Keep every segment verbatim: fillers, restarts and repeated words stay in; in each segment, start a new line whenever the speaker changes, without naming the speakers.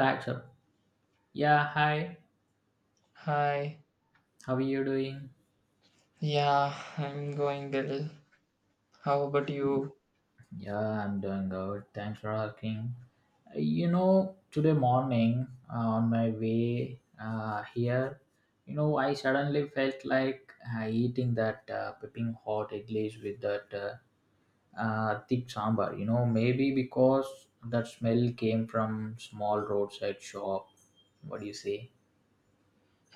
Accept. Yeah, hi.
Hi.
How are you doing?
Yeah, I'm going well. How about you?
Yeah, I'm doing good. Thanks for asking. Uh, You know, today morning uh, on my way uh, here, you know, I suddenly felt like uh, eating that uh, piping hot iglis with that uh, uh, thick sambar. You know, maybe because that smell came from small roadside shop. What do you say?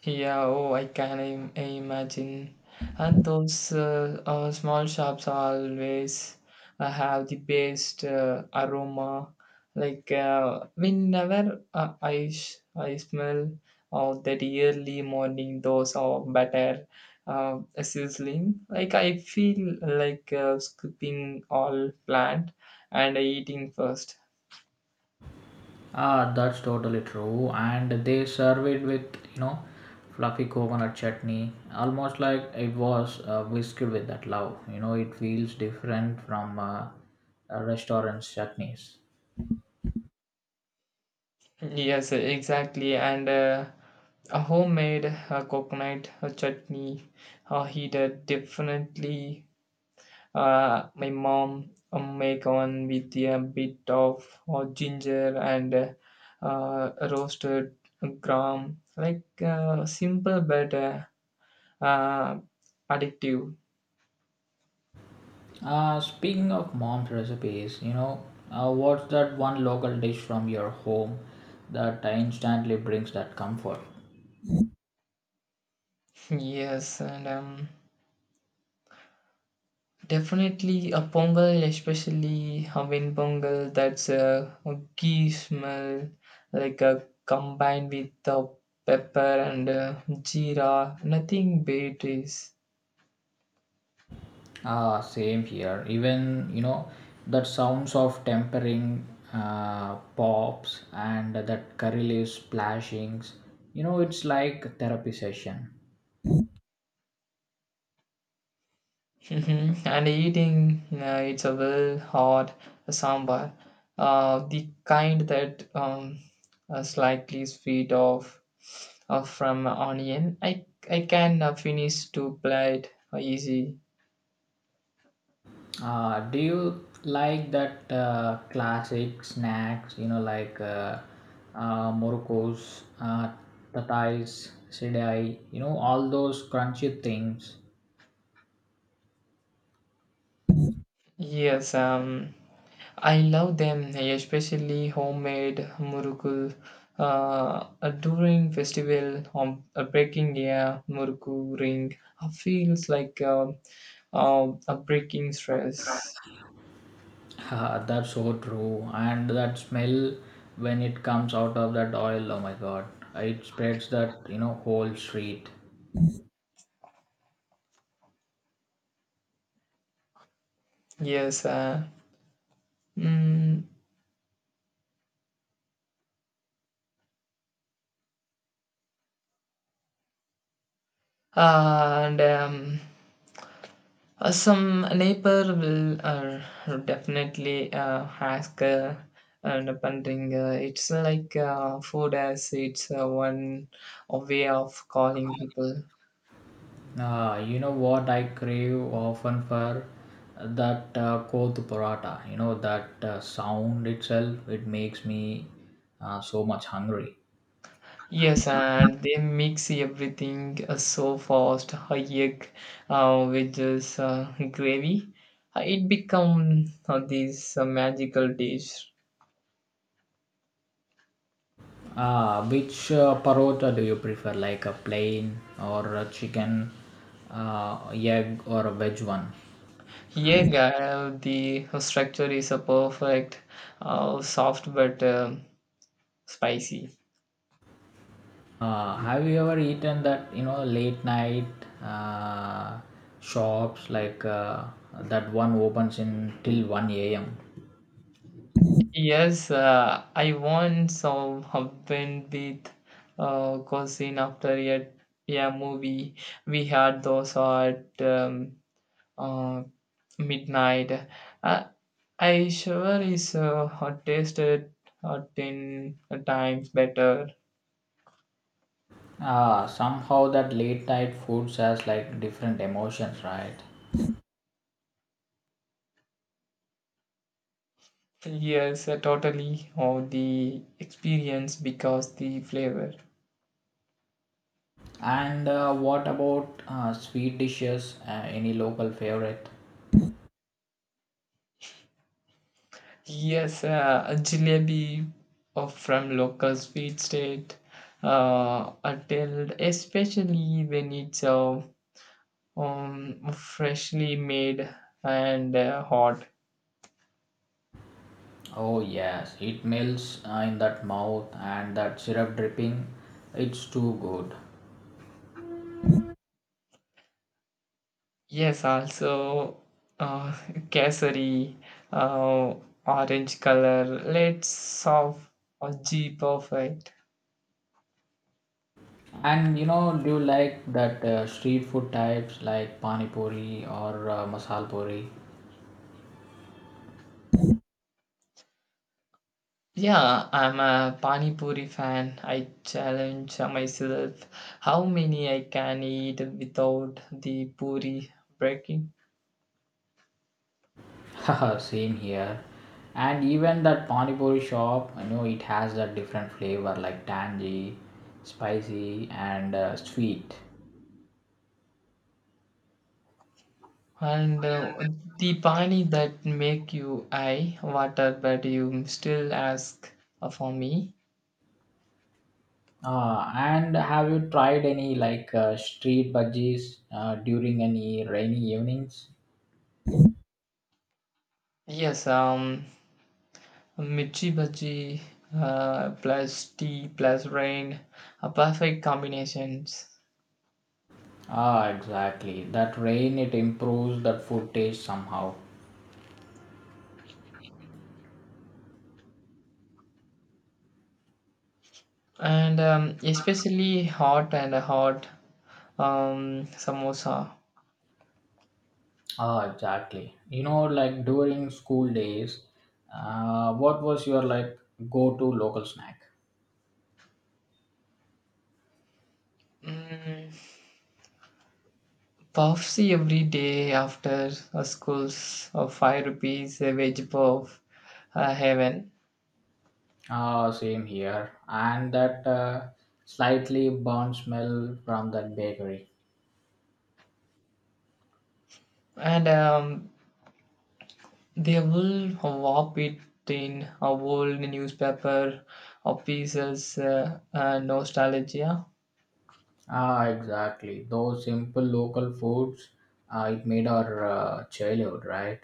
Yeah, oh, I can Im- imagine. And those uh, uh, small shops always uh, have the best uh, aroma. Like uh, whenever uh, I sh I smell of that early morning dose of butter uh, sizzling, like I feel like uh, scooping all plant and eating first.
Ah, that's totally true. And they serve it with, you know, fluffy coconut chutney, almost like it was uh, whisked with that love. You know, it feels different from uh, a restaurant's chutneys.
Yes, exactly. And uh, A homemade uh, coconut uh, chutney uh, heated definitely, uh, my mom uh, make one with a bit of uh, ginger and uh, uh, roasted gram, like uh, simple but uh, uh, addictive.
Uh, speaking of mom's recipes, you know, uh, what's that one local dish from your home that instantly brings that comfort?
Yes and um, Definitely a pongal, especially a wind pongal, that's a, a ghee smell, like a combined with the pepper and uh, jeera. Nothing beat is.
Ah, same here. Even you know that sounds of tempering uh, pops and that curry leaves splashings. You know, it's like therapy session.
Mhm. And eating, uh, it's a well hot sambar, uh, the kind that um, uh, slightly sweet of uh, from onion. I I can uh, finish to plate uh, easy.
Uh, do you like that uh, classic snacks? You know, like uh, uh, morocco's, uh, tatais, sedai. You know, all those crunchy things.
Yes, um, I love them, especially homemade murukku. Uh, During festival, um, uh, breaking a murukku ring feels like um uh, a breaking stress.
Ha, that's so true. And that smell when it comes out of that oil, oh my god, it spreads that you know whole street.
Yes, uh, mm, and um, uh, Some neighbor will uh, definitely uh, ask uh, and pondering. Uh, it's like uh, food as it's uh, one way of calling people.
Ah, you know what I crave often for that uh, koth paratha. You know that uh, sound itself, it makes me uh, so much hungry.
Yes, and they mix everything uh, so fast, egg uh, with this uh, gravy. Uh, It become uh, this uh, magical dish.
Ah, which uh, parota do you prefer, like a plain or a chicken, uh, egg or a veg one?
Egg, uh, the uh, structure is a perfect, uh, soft but uh, spicy.
Uh, have you ever eaten that you know late night uh, shops like uh, that one opens in till one a m.
Yes, uh, I once uh, went with uh, cousin after a, a movie. We had those at um, uh, midnight. Uh, I sure is uh, hot tasted uh, ten times better.
Uh, somehow that late night foods has like different emotions, right?
Yes, uh, totally. Or the experience because the flavor.
And uh, what about uh, sweet dishes? Uh, any local favorite?
Yes, uh, a jalebi of from local sweet state. Uh, until especially when it's uh, um, freshly made and uh, hot.
Oh yes, it melts uh, in that mouth and that syrup dripping. It's too good.
Yes, also uh, cassary, uh, orange color. Let's of a G perfect.
And you know, do you like that uh, street food types like pani puri or uh, masal puri?
Yeah, I'm a Pani Puri fan. I challenge myself how many I can eat without the puri breaking.
Same here. And even that pani puri shop, you know, it has that different flavor like tangy, spicy, and uh, sweet.
And uh, The pani that make you eye water, but you still ask uh, for me.
Uh, and have you tried any like uh, street budgies uh, during any rainy evenings?
Yes, um, Mirchi bhaji uh, plus tea plus rain are perfect combinations.
Ah, exactly. That rain it improves that food taste somehow.
And um, Especially hot and hot um, samosa.
Ah, exactly. You know, like during school days, uh, what was your like go-to local snack?
Mm, puffsy every day after a school's of five rupees a veg puff, uh, heaven.
Ah, same here. And that uh, slightly burnt smell from that bakery.
And um, They will wrap it in a old newspaper or pieces, uh, uh, nostalgia.
Ah, exactly. Those simple local foods, uh, it made our uh, childhood, right?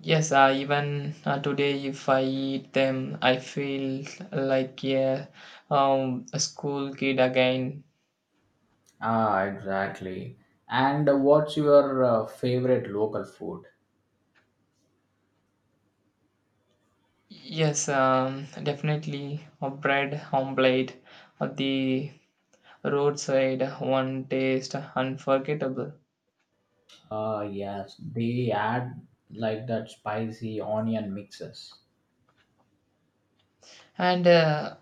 Yes, uh, even uh, today, if I eat them, I feel like a, um, a school kid again.
Ah, exactly. And what's your uh, favorite local food?
Yes, um, definitely a bread omelette, uh, the roadside one taste unforgettable,
Ah, yes. They add like that spicy onion mixes.
and uh,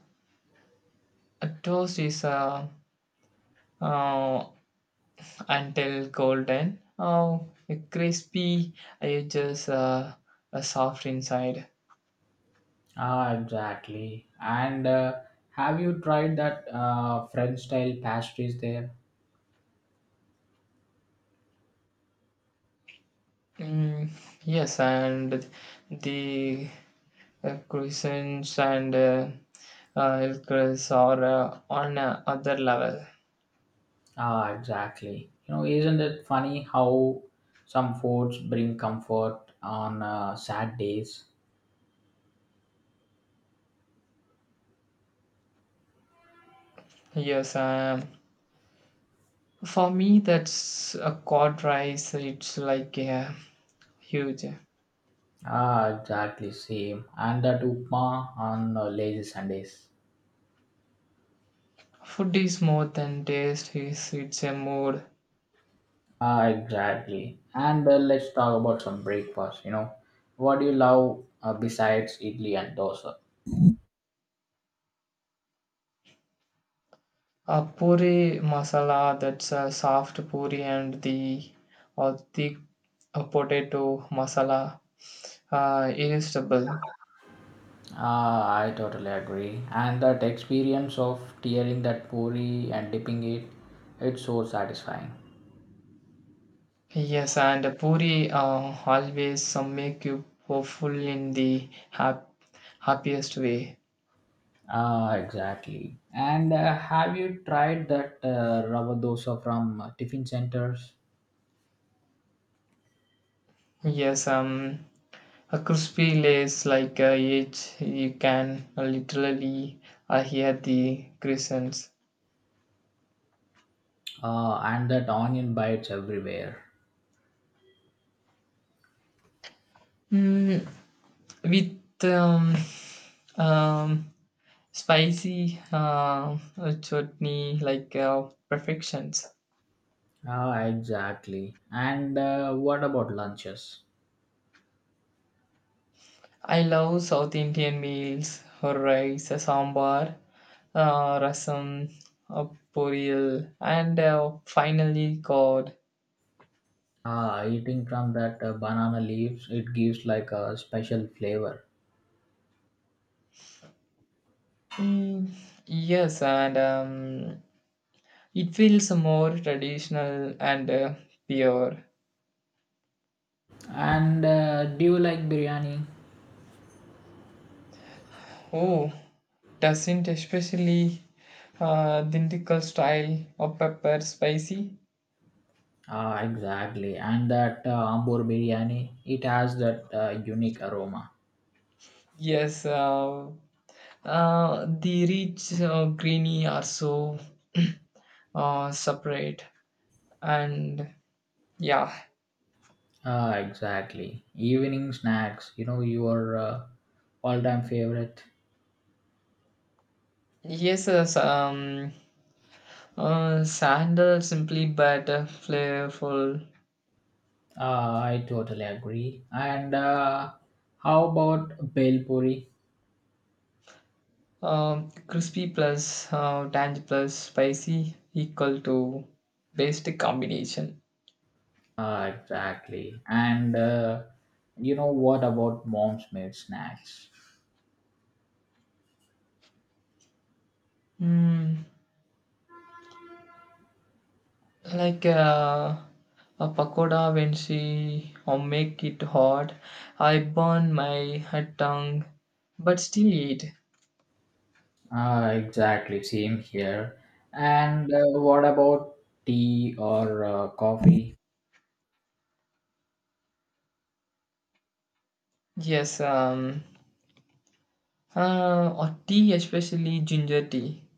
a toast is uh, uh, until golden, uh, crispy edges, uh, uh, soft inside.
Ah, exactly. And uh, have you tried that uh, French style pastries there?
Mm, yes, and the Uh, crescents and uh, uh, Elkris are uh, on a other level.
Ah, exactly. You know, isn't it funny how some foods bring comfort on uh, sad days?
Yes, um, for me that's a cod rice. It's like a huge.
Ah, exactly, same. And that upma on uh, lazy Sundays.
Food is more than taste. It's, it's a mood.
Ah, exactly. And uh, let's talk about some breakfast. You know, what do you love uh, besides idli and dosa?
A puri masala that's a soft puri and the or thick uh, potato masala, uh, irresistible.
Ah, I totally agree. And that experience of tearing that puri and dipping it, it's so satisfying.
Yes, and Puri uh, always uh, make you hopeful in the hap- happiest way.
Ah, exactly. And uh, have you tried that uh, rava dosa from uh, tiffin centers?
Yes, um, a crispy lace like uh, it, you can literally uh, hear the crescents.
Uh, and that onion bites everywhere.
Mm, with um, um, spicy uh, uh, chutney like uh, perfections.
Ah, exactly. And uh, what about lunches?
I love South Indian meals, or rice, a sambar, uh, rasam, uh, poriyal, and uh, finally curd.
Ah, eating from that uh, banana leaves, it gives like a special flavor.
Mm, yes, and um, it feels more traditional and uh, pure.
And uh, do you like biryani?
Oh, doesn't especially uh, Dintikal style of pepper spicy.
Ah, exactly. And that uh, Ambur biryani, it has that uh, unique aroma.
Yes, uh, uh, the rich uh, greeny are so uh, separate and yeah.
Ah, exactly. Evening snacks, you know, your uh, all-time favorite.
Yes, yes, um, Uh, sandal simply better, flavorful,
Ah, I totally agree. And uh, how about bel puri?
um, crispy plus uh, tangy plus spicy equal to best combination.
Ah, exactly. And uh, you know what about mom's made snacks?
Mm, like uh, a pakoda when she or make it hot, I burn my uh, tongue, but still eat.
Ah, exactly. Same here. And uh, what about tea or uh, coffee?
Yes, um, uh, or tea especially ginger tea.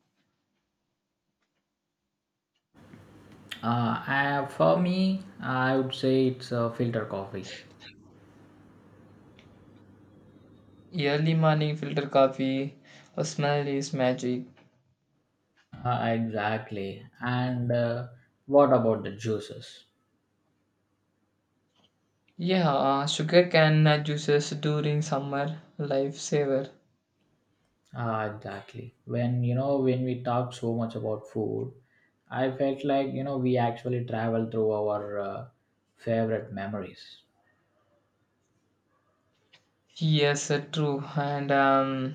Uh, I, for me, I would say it's uh, filter coffee.
Early morning filter coffee, the smell is magic.
Uh, exactly. And uh, what about the juices?
Yeah, uh, sugar cane uh, juices during summer, lifesaver.
Uh, exactly. When you know when we talk so much about food, I felt like you know we actually travel through our uh, favorite memories.
Yes, uh, true. And um,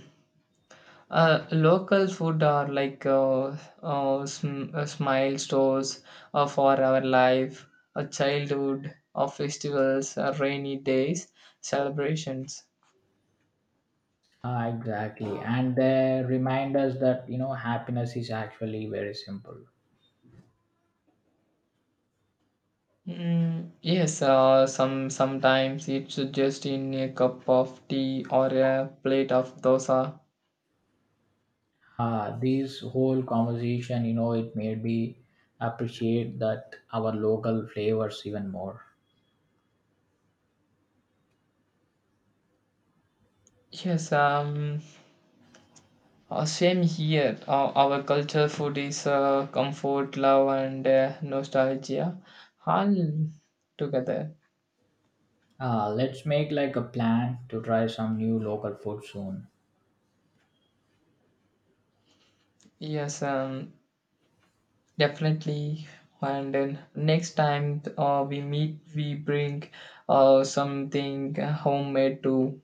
uh, Local food are like uh, uh, sm- uh, smile stores uh, for our life, a childhood, uh, festivals, uh, rainy days, celebrations.
Uh, exactly, and they remind us that you know happiness is actually very simple.
Mm, yes, uh, some sometimes it's just in a cup of tea or a plate of dosa.
uh, this whole conversation you know it made me appreciate that our local flavors even more.
Yes, um, Uh, same here. Uh, our culture food is uh, comfort, love, and uh, nostalgia all together.
Uh, let's make like a plan to try some new local food soon.
Yes, um, definitely. And then next time uh, we meet, we bring uh, something homemade too.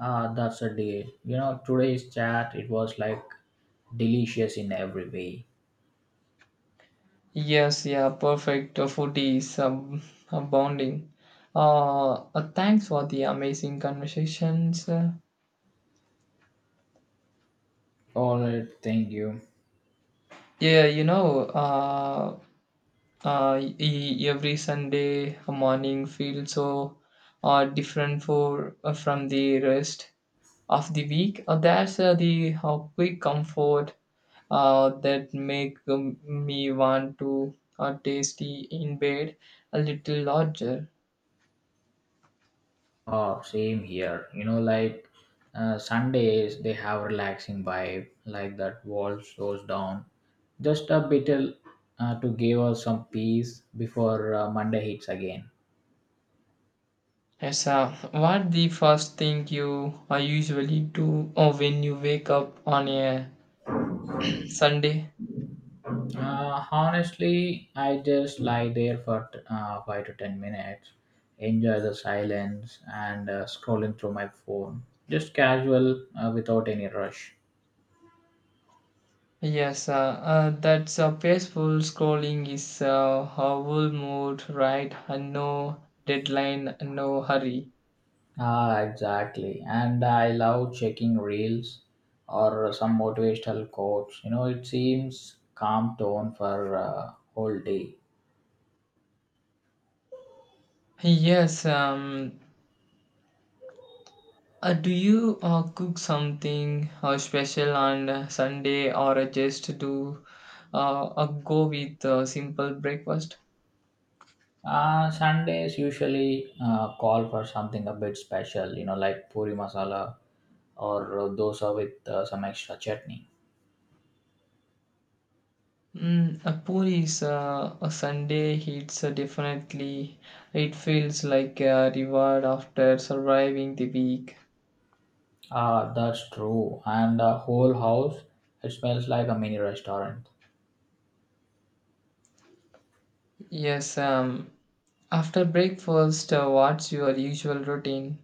Uh, that's a deal you know today's chat it was like delicious in every way.
Yes, yeah, perfect. Uh, food is um, uh, bonding. Uh, uh, thanks for the amazing conversations. Uh,
All right, thank you.
yeah, you know, uh, uh, e- every Sunday morning feels so uh, different for uh, from the rest of the week. Uh, that's uh, the uh, quick comfort uh, that make um, me want to uh, tasty in bed a little larger.
Oh, same here. You know, like uh, Sundays, they have relaxing vibe, like that world slows down just a bit uh, to give us some peace before uh, Monday hits again.
Yes, uh, what the first thing you uh, usually do uh, when you wake up on a Sunday?
Uh, honestly, I just lie there for uh, five to ten minutes, enjoy the silence, and uh, scrolling through my phone. Just casual uh, without any rush.
Yes, uh, uh, that's a peaceful scrolling is uh, a whole mood, right? And no deadline, no hurry.
Ah, exactly. And I love checking reels or some motivational quotes. You know, it seems calm tone for uh, whole day.
Yes, um, uh, do you uh, cook something uh, special on uh, Sunday or just do uh, uh, go with uh, simple breakfast?
Uh, Sundays usually uh, call for something a bit special, you know, like puri masala or dosa with uh, some extra chutney.
Mm, a puri is uh, a Sunday hits uh, definitely. It feels like a reward after surviving the week.
Ah, that's true. And the whole house, it smells like a mini restaurant.
Yes, um, after breakfast, uh, what's your usual routine?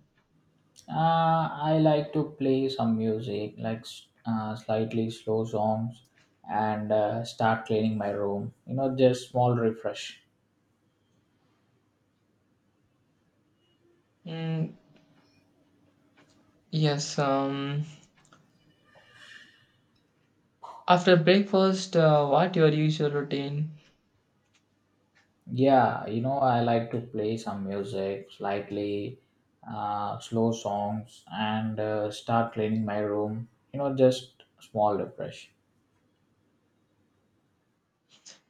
Uh, I like to play some music, like s- uh, slightly slow songs, and uh, start cleaning my room. You know, just small refresh.
Mm, yes. Um. After breakfast, uh, what your usual routine?
Yeah, you know, I like to play some music, slightly uh, slow songs, and uh, start cleaning my room. You know, just small refresh.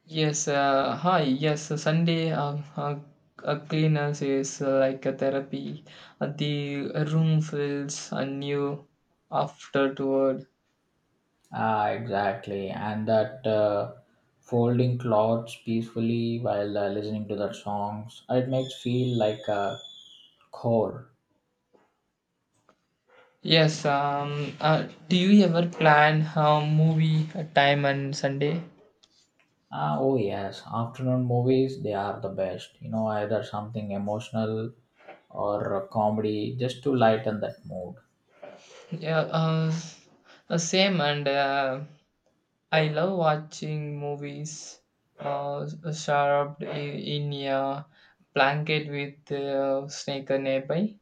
Yes. Uh, hi. Yes. uh, Sunday. Uh, uh, uh, cleaners is uh, like a therapy. Uh, the room feels anew afterward.
Ah, exactly. And that uh, folding clothes peacefully while uh, listening to that songs, it makes feel like a core.
Yes. Um. Uh, do you ever plan a movie time on Sunday?
Ah, oh yes, afternoon movies, they are the best. You know, either something emotional or a comedy just to lighten that mood.
Yeah. Uh, s- uh, same and. Uh, I love watching movies uh, s- sharp i- in a blanket with a snake nearby.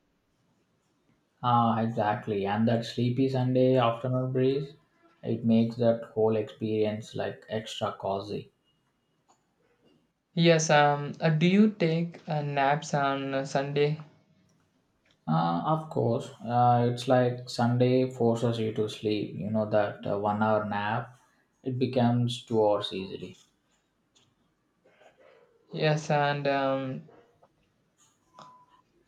Ah, exactly. And that sleepy Sunday afternoon breeze, it makes that whole experience like extra cozy.
Yes, um, uh, do you take uh, naps on uh, Sunday?
Ah, of course, uh, it's like Sunday forces you to sleep. You know, that uh, one hour nap, it becomes two hours easily.
Yes, and um,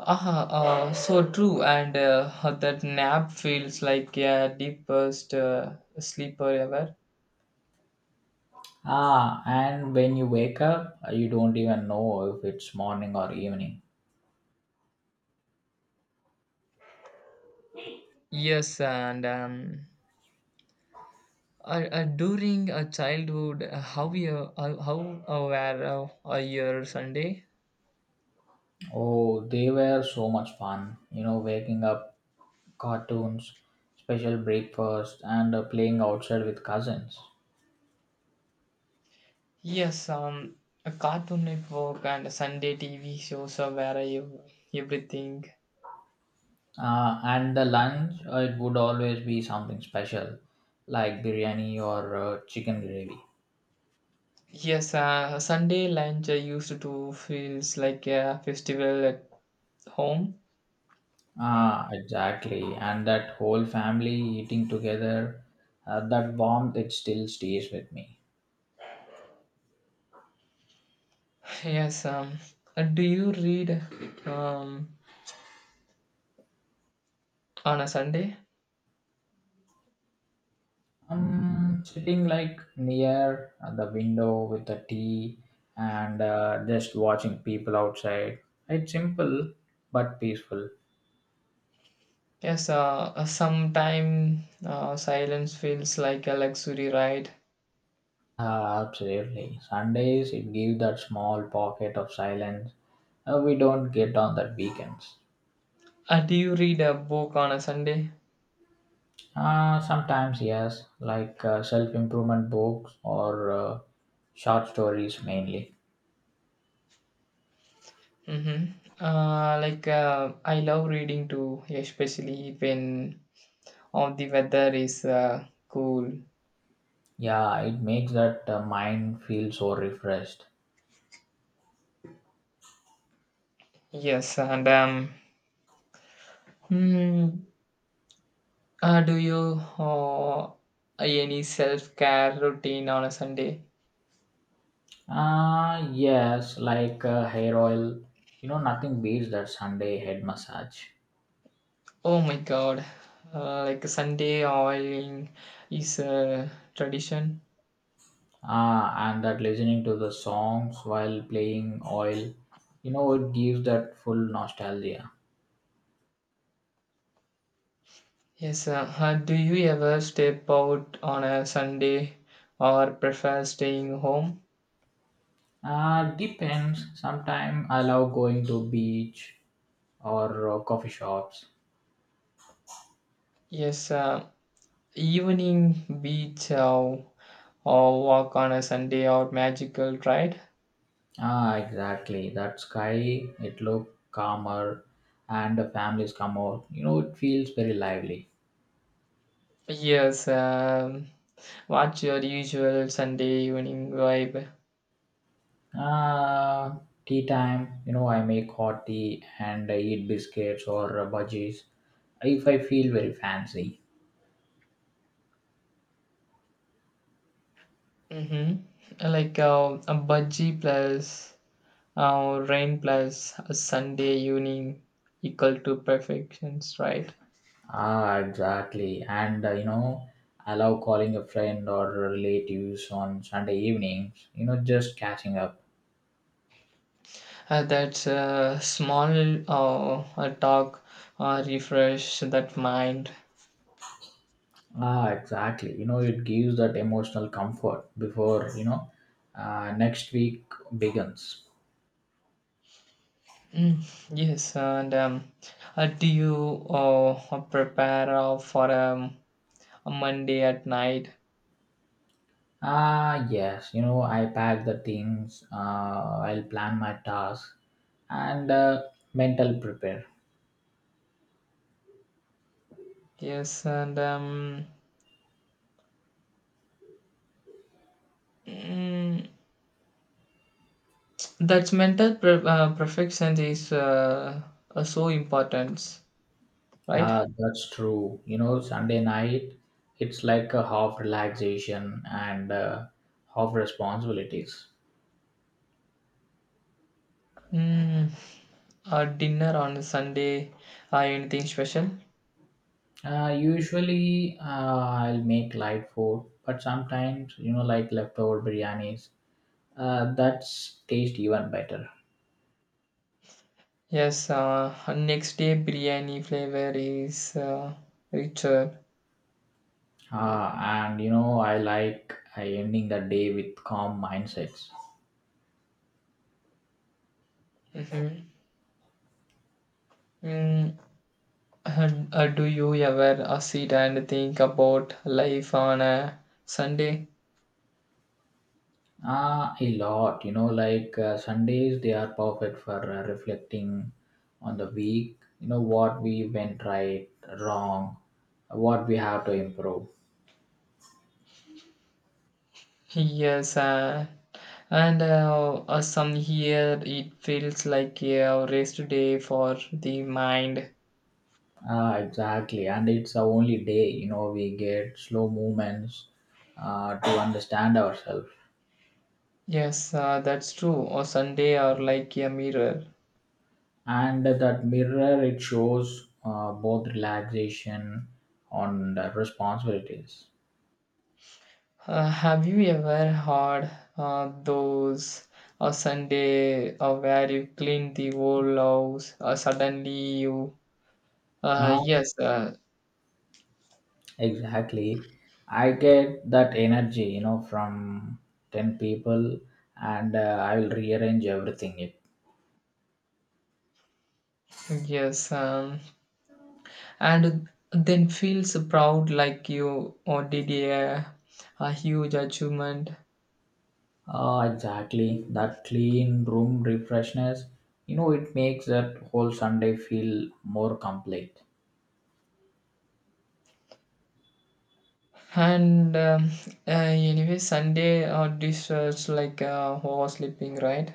aha, uh, so true. And uh, that nap feels like a deepest uh, sleeper ever.
Ah, and when you wake up, uh, you don't even know if it's morning or evening.
Yes, and um, uh, uh, during a childhood, uh, how you uh, how uh, were uh, uh, your Sunday?
Oh, they were so much fun. You know, waking up, cartoons, special breakfast, and uh, playing outside with cousins.
Yes, um, a Cartoon Network and Sunday T V shows are where I everything.
Uh, and the lunch, uh, it would always be something special, like biryani or uh, chicken gravy.
Yes, uh, Sunday lunch I used to feels like a festival at home.
Ah, exactly. And that whole family eating together, uh, that warmth, it still stays with me.
Yes, um, uh, do you read um, on a Sunday?
I'm sitting like near the window with a tea and uh, just watching people outside. It's simple but peaceful.
Yes, uh, uh, sometime uh, silence feels like a luxury ride.
Ah, absolutely. Sundays it gives that small pocket of silence uh, we don't get on that weekends.
Uh, do you read a book on a Sunday?
Uh, sometimes yes, like uh, self-improvement books or uh, short stories mainly.
Mm-hmm. Uh, like uh, I love reading too, especially when oh, the weather is uh, cool.
Yeah, it makes that uh, mind feel so refreshed.
Yes, and um, hmm, uh, do you uh, any self care routine on a Sunday?
Uh, yes, like uh, hair oil. You know, nothing beats that Sunday head massage.
Oh my God, uh, like Sunday oiling is a tradition.
Ah, and that listening to the songs while playing oil, you know, it gives that full nostalgia.
Yes, uh, uh, do you ever step out on a Sunday or prefer staying home?
Uh, depends. Sometimes I love going to beach or uh, coffee shops.
Yes, uh, evening beach uh, or walk on a Sunday or magical right?
Ah, exactly. That sky, it look calmer and the families come out. You know, it feels very lively.
Yes, um, what's your usual Sunday evening vibe?
Uh, tea time, you know, I make hot tea and I eat biscuits or uh, budgies if I feel very fancy.
Mm-hmm. Like uh, a budgie plus uh, rain plus a Sunday evening equal to perfections, right?
Ah, exactly. And uh, you know, I love calling a friend or relatives on Sunday evenings, you know, just catching up.
Uh, that's a small uh, a talk uh, refresh that mind.
Ah, exactly. You know, it gives that emotional comfort before, you know, uh, next week begins.
Mm, yes, and um, uh, do you uh, prepare uh, for um, a Monday at night?
Ah, yes, you know, I pack the things, uh, I'll plan my tasks and uh, mental prepare.
Yes, and um, mm, that's mental pre- uh, perfection is uh, uh, so important, right?
Uh, that's true. You know, Sunday night, it's like a half relaxation and uh, half responsibilities.
Mm, a dinner on a Sunday, uh, anything special?
Uh, usually, uh, I'll make light food, but sometimes, you know, like leftover biryanis, uh, that's taste even better.
Yes, uh, next day biryani flavor is uh, richer.
Uh, and you know, I like uh, ending the day with calm mindsets.
Mm-hmm. Mm, uh, uh, do you ever uh, sit and think about life on a Sunday?
Ah, a lot. You know, like uh, Sundays, they are perfect for uh, reflecting on the week. You know, what we went right, wrong, what we have to improve.
Yes, uh, and uh, uh, some here it feels like a rest day for the mind.
Ah, exactly. And it's the only day, you know, we get slow movements uh, to understand ourselves.
Yes, uh, that's true. Or Sunday are like a mirror.
And that mirror, it shows uh, both relaxation and uh, responsibilities.
Uh, have you ever had uh, those a Sunday uh, where you clean the whole house? Uh, suddenly you, uh,
Um,
yes, uh,
Exactly. I get that energy, you know, from ten people and uh, I will rearrange everything. It.
yes, um, and then feels proud like you or did a, a huge achievement.
Ah, exactly. That clean room refreshness, you know, it makes that whole Sunday feel more complete.
And um, uh, Anyway, Sunday or uh, dish like uh, oversleeping, right?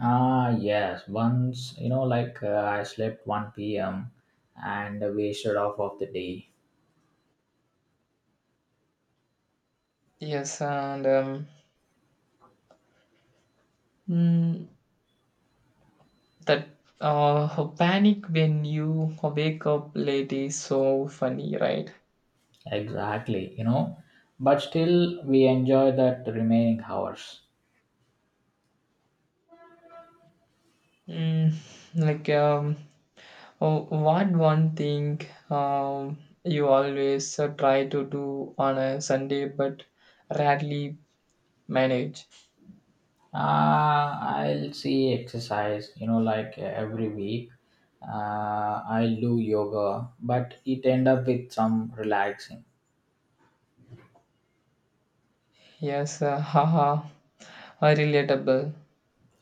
Ah, yes. Once, you know, like uh, I slept one p m and wasted off of the day.
Yes, and um, mm, that uh, panic when you wake up late is so funny, right?
Exactly, you know, but still we enjoy that remaining hours.
Mm, like, um, oh, what one thing um, you always uh, try to do on a Sunday but rarely manage?
Uh, I'll see exercise, you know, like uh, every week. Uh, I'll do yoga, but it end up with some relaxing.
Yes, uh, haha, uh, relatable.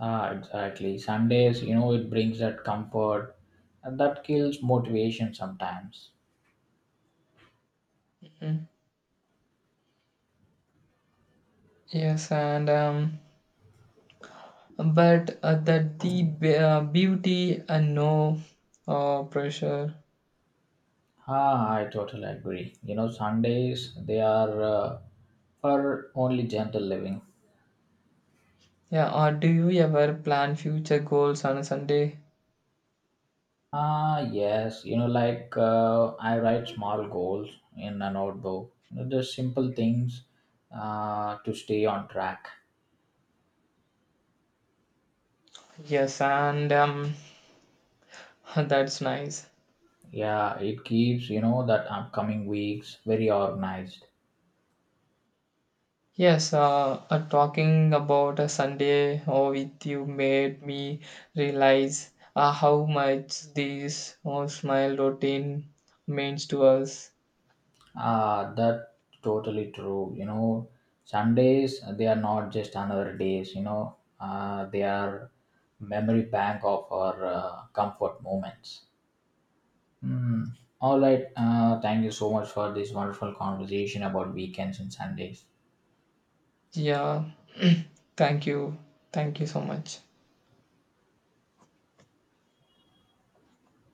Ah, exactly. Sundays, you know, it brings that comfort, and that kills motivation sometimes.
Mm, Yes, and um, But uh, that the be- uh, beauty and no uh, pressure.
Ah, I totally agree. You know, Sundays they are uh, for only gentle living.
Yeah, or do you ever plan future goals on a Sunday?
Ah, yes, you know, like uh, I write small goals in a notebook. You know, just simple things uh, to stay on track.
Yes, and um, that's nice.
Yeah, it keeps, you know, that upcoming weeks very organized.
Yes, uh, uh, talking about a Sunday or with you made me realize uh, how much this oh, smile routine means to us.
Ah, that totally true. You know, Sundays, they are not just another days, you know, uh, they are memory bank of our uh, comfort moments. Mm. All right. Uh, thank you so much for this wonderful conversation about weekends and Sundays.
Yeah, thank you. Thank you so much.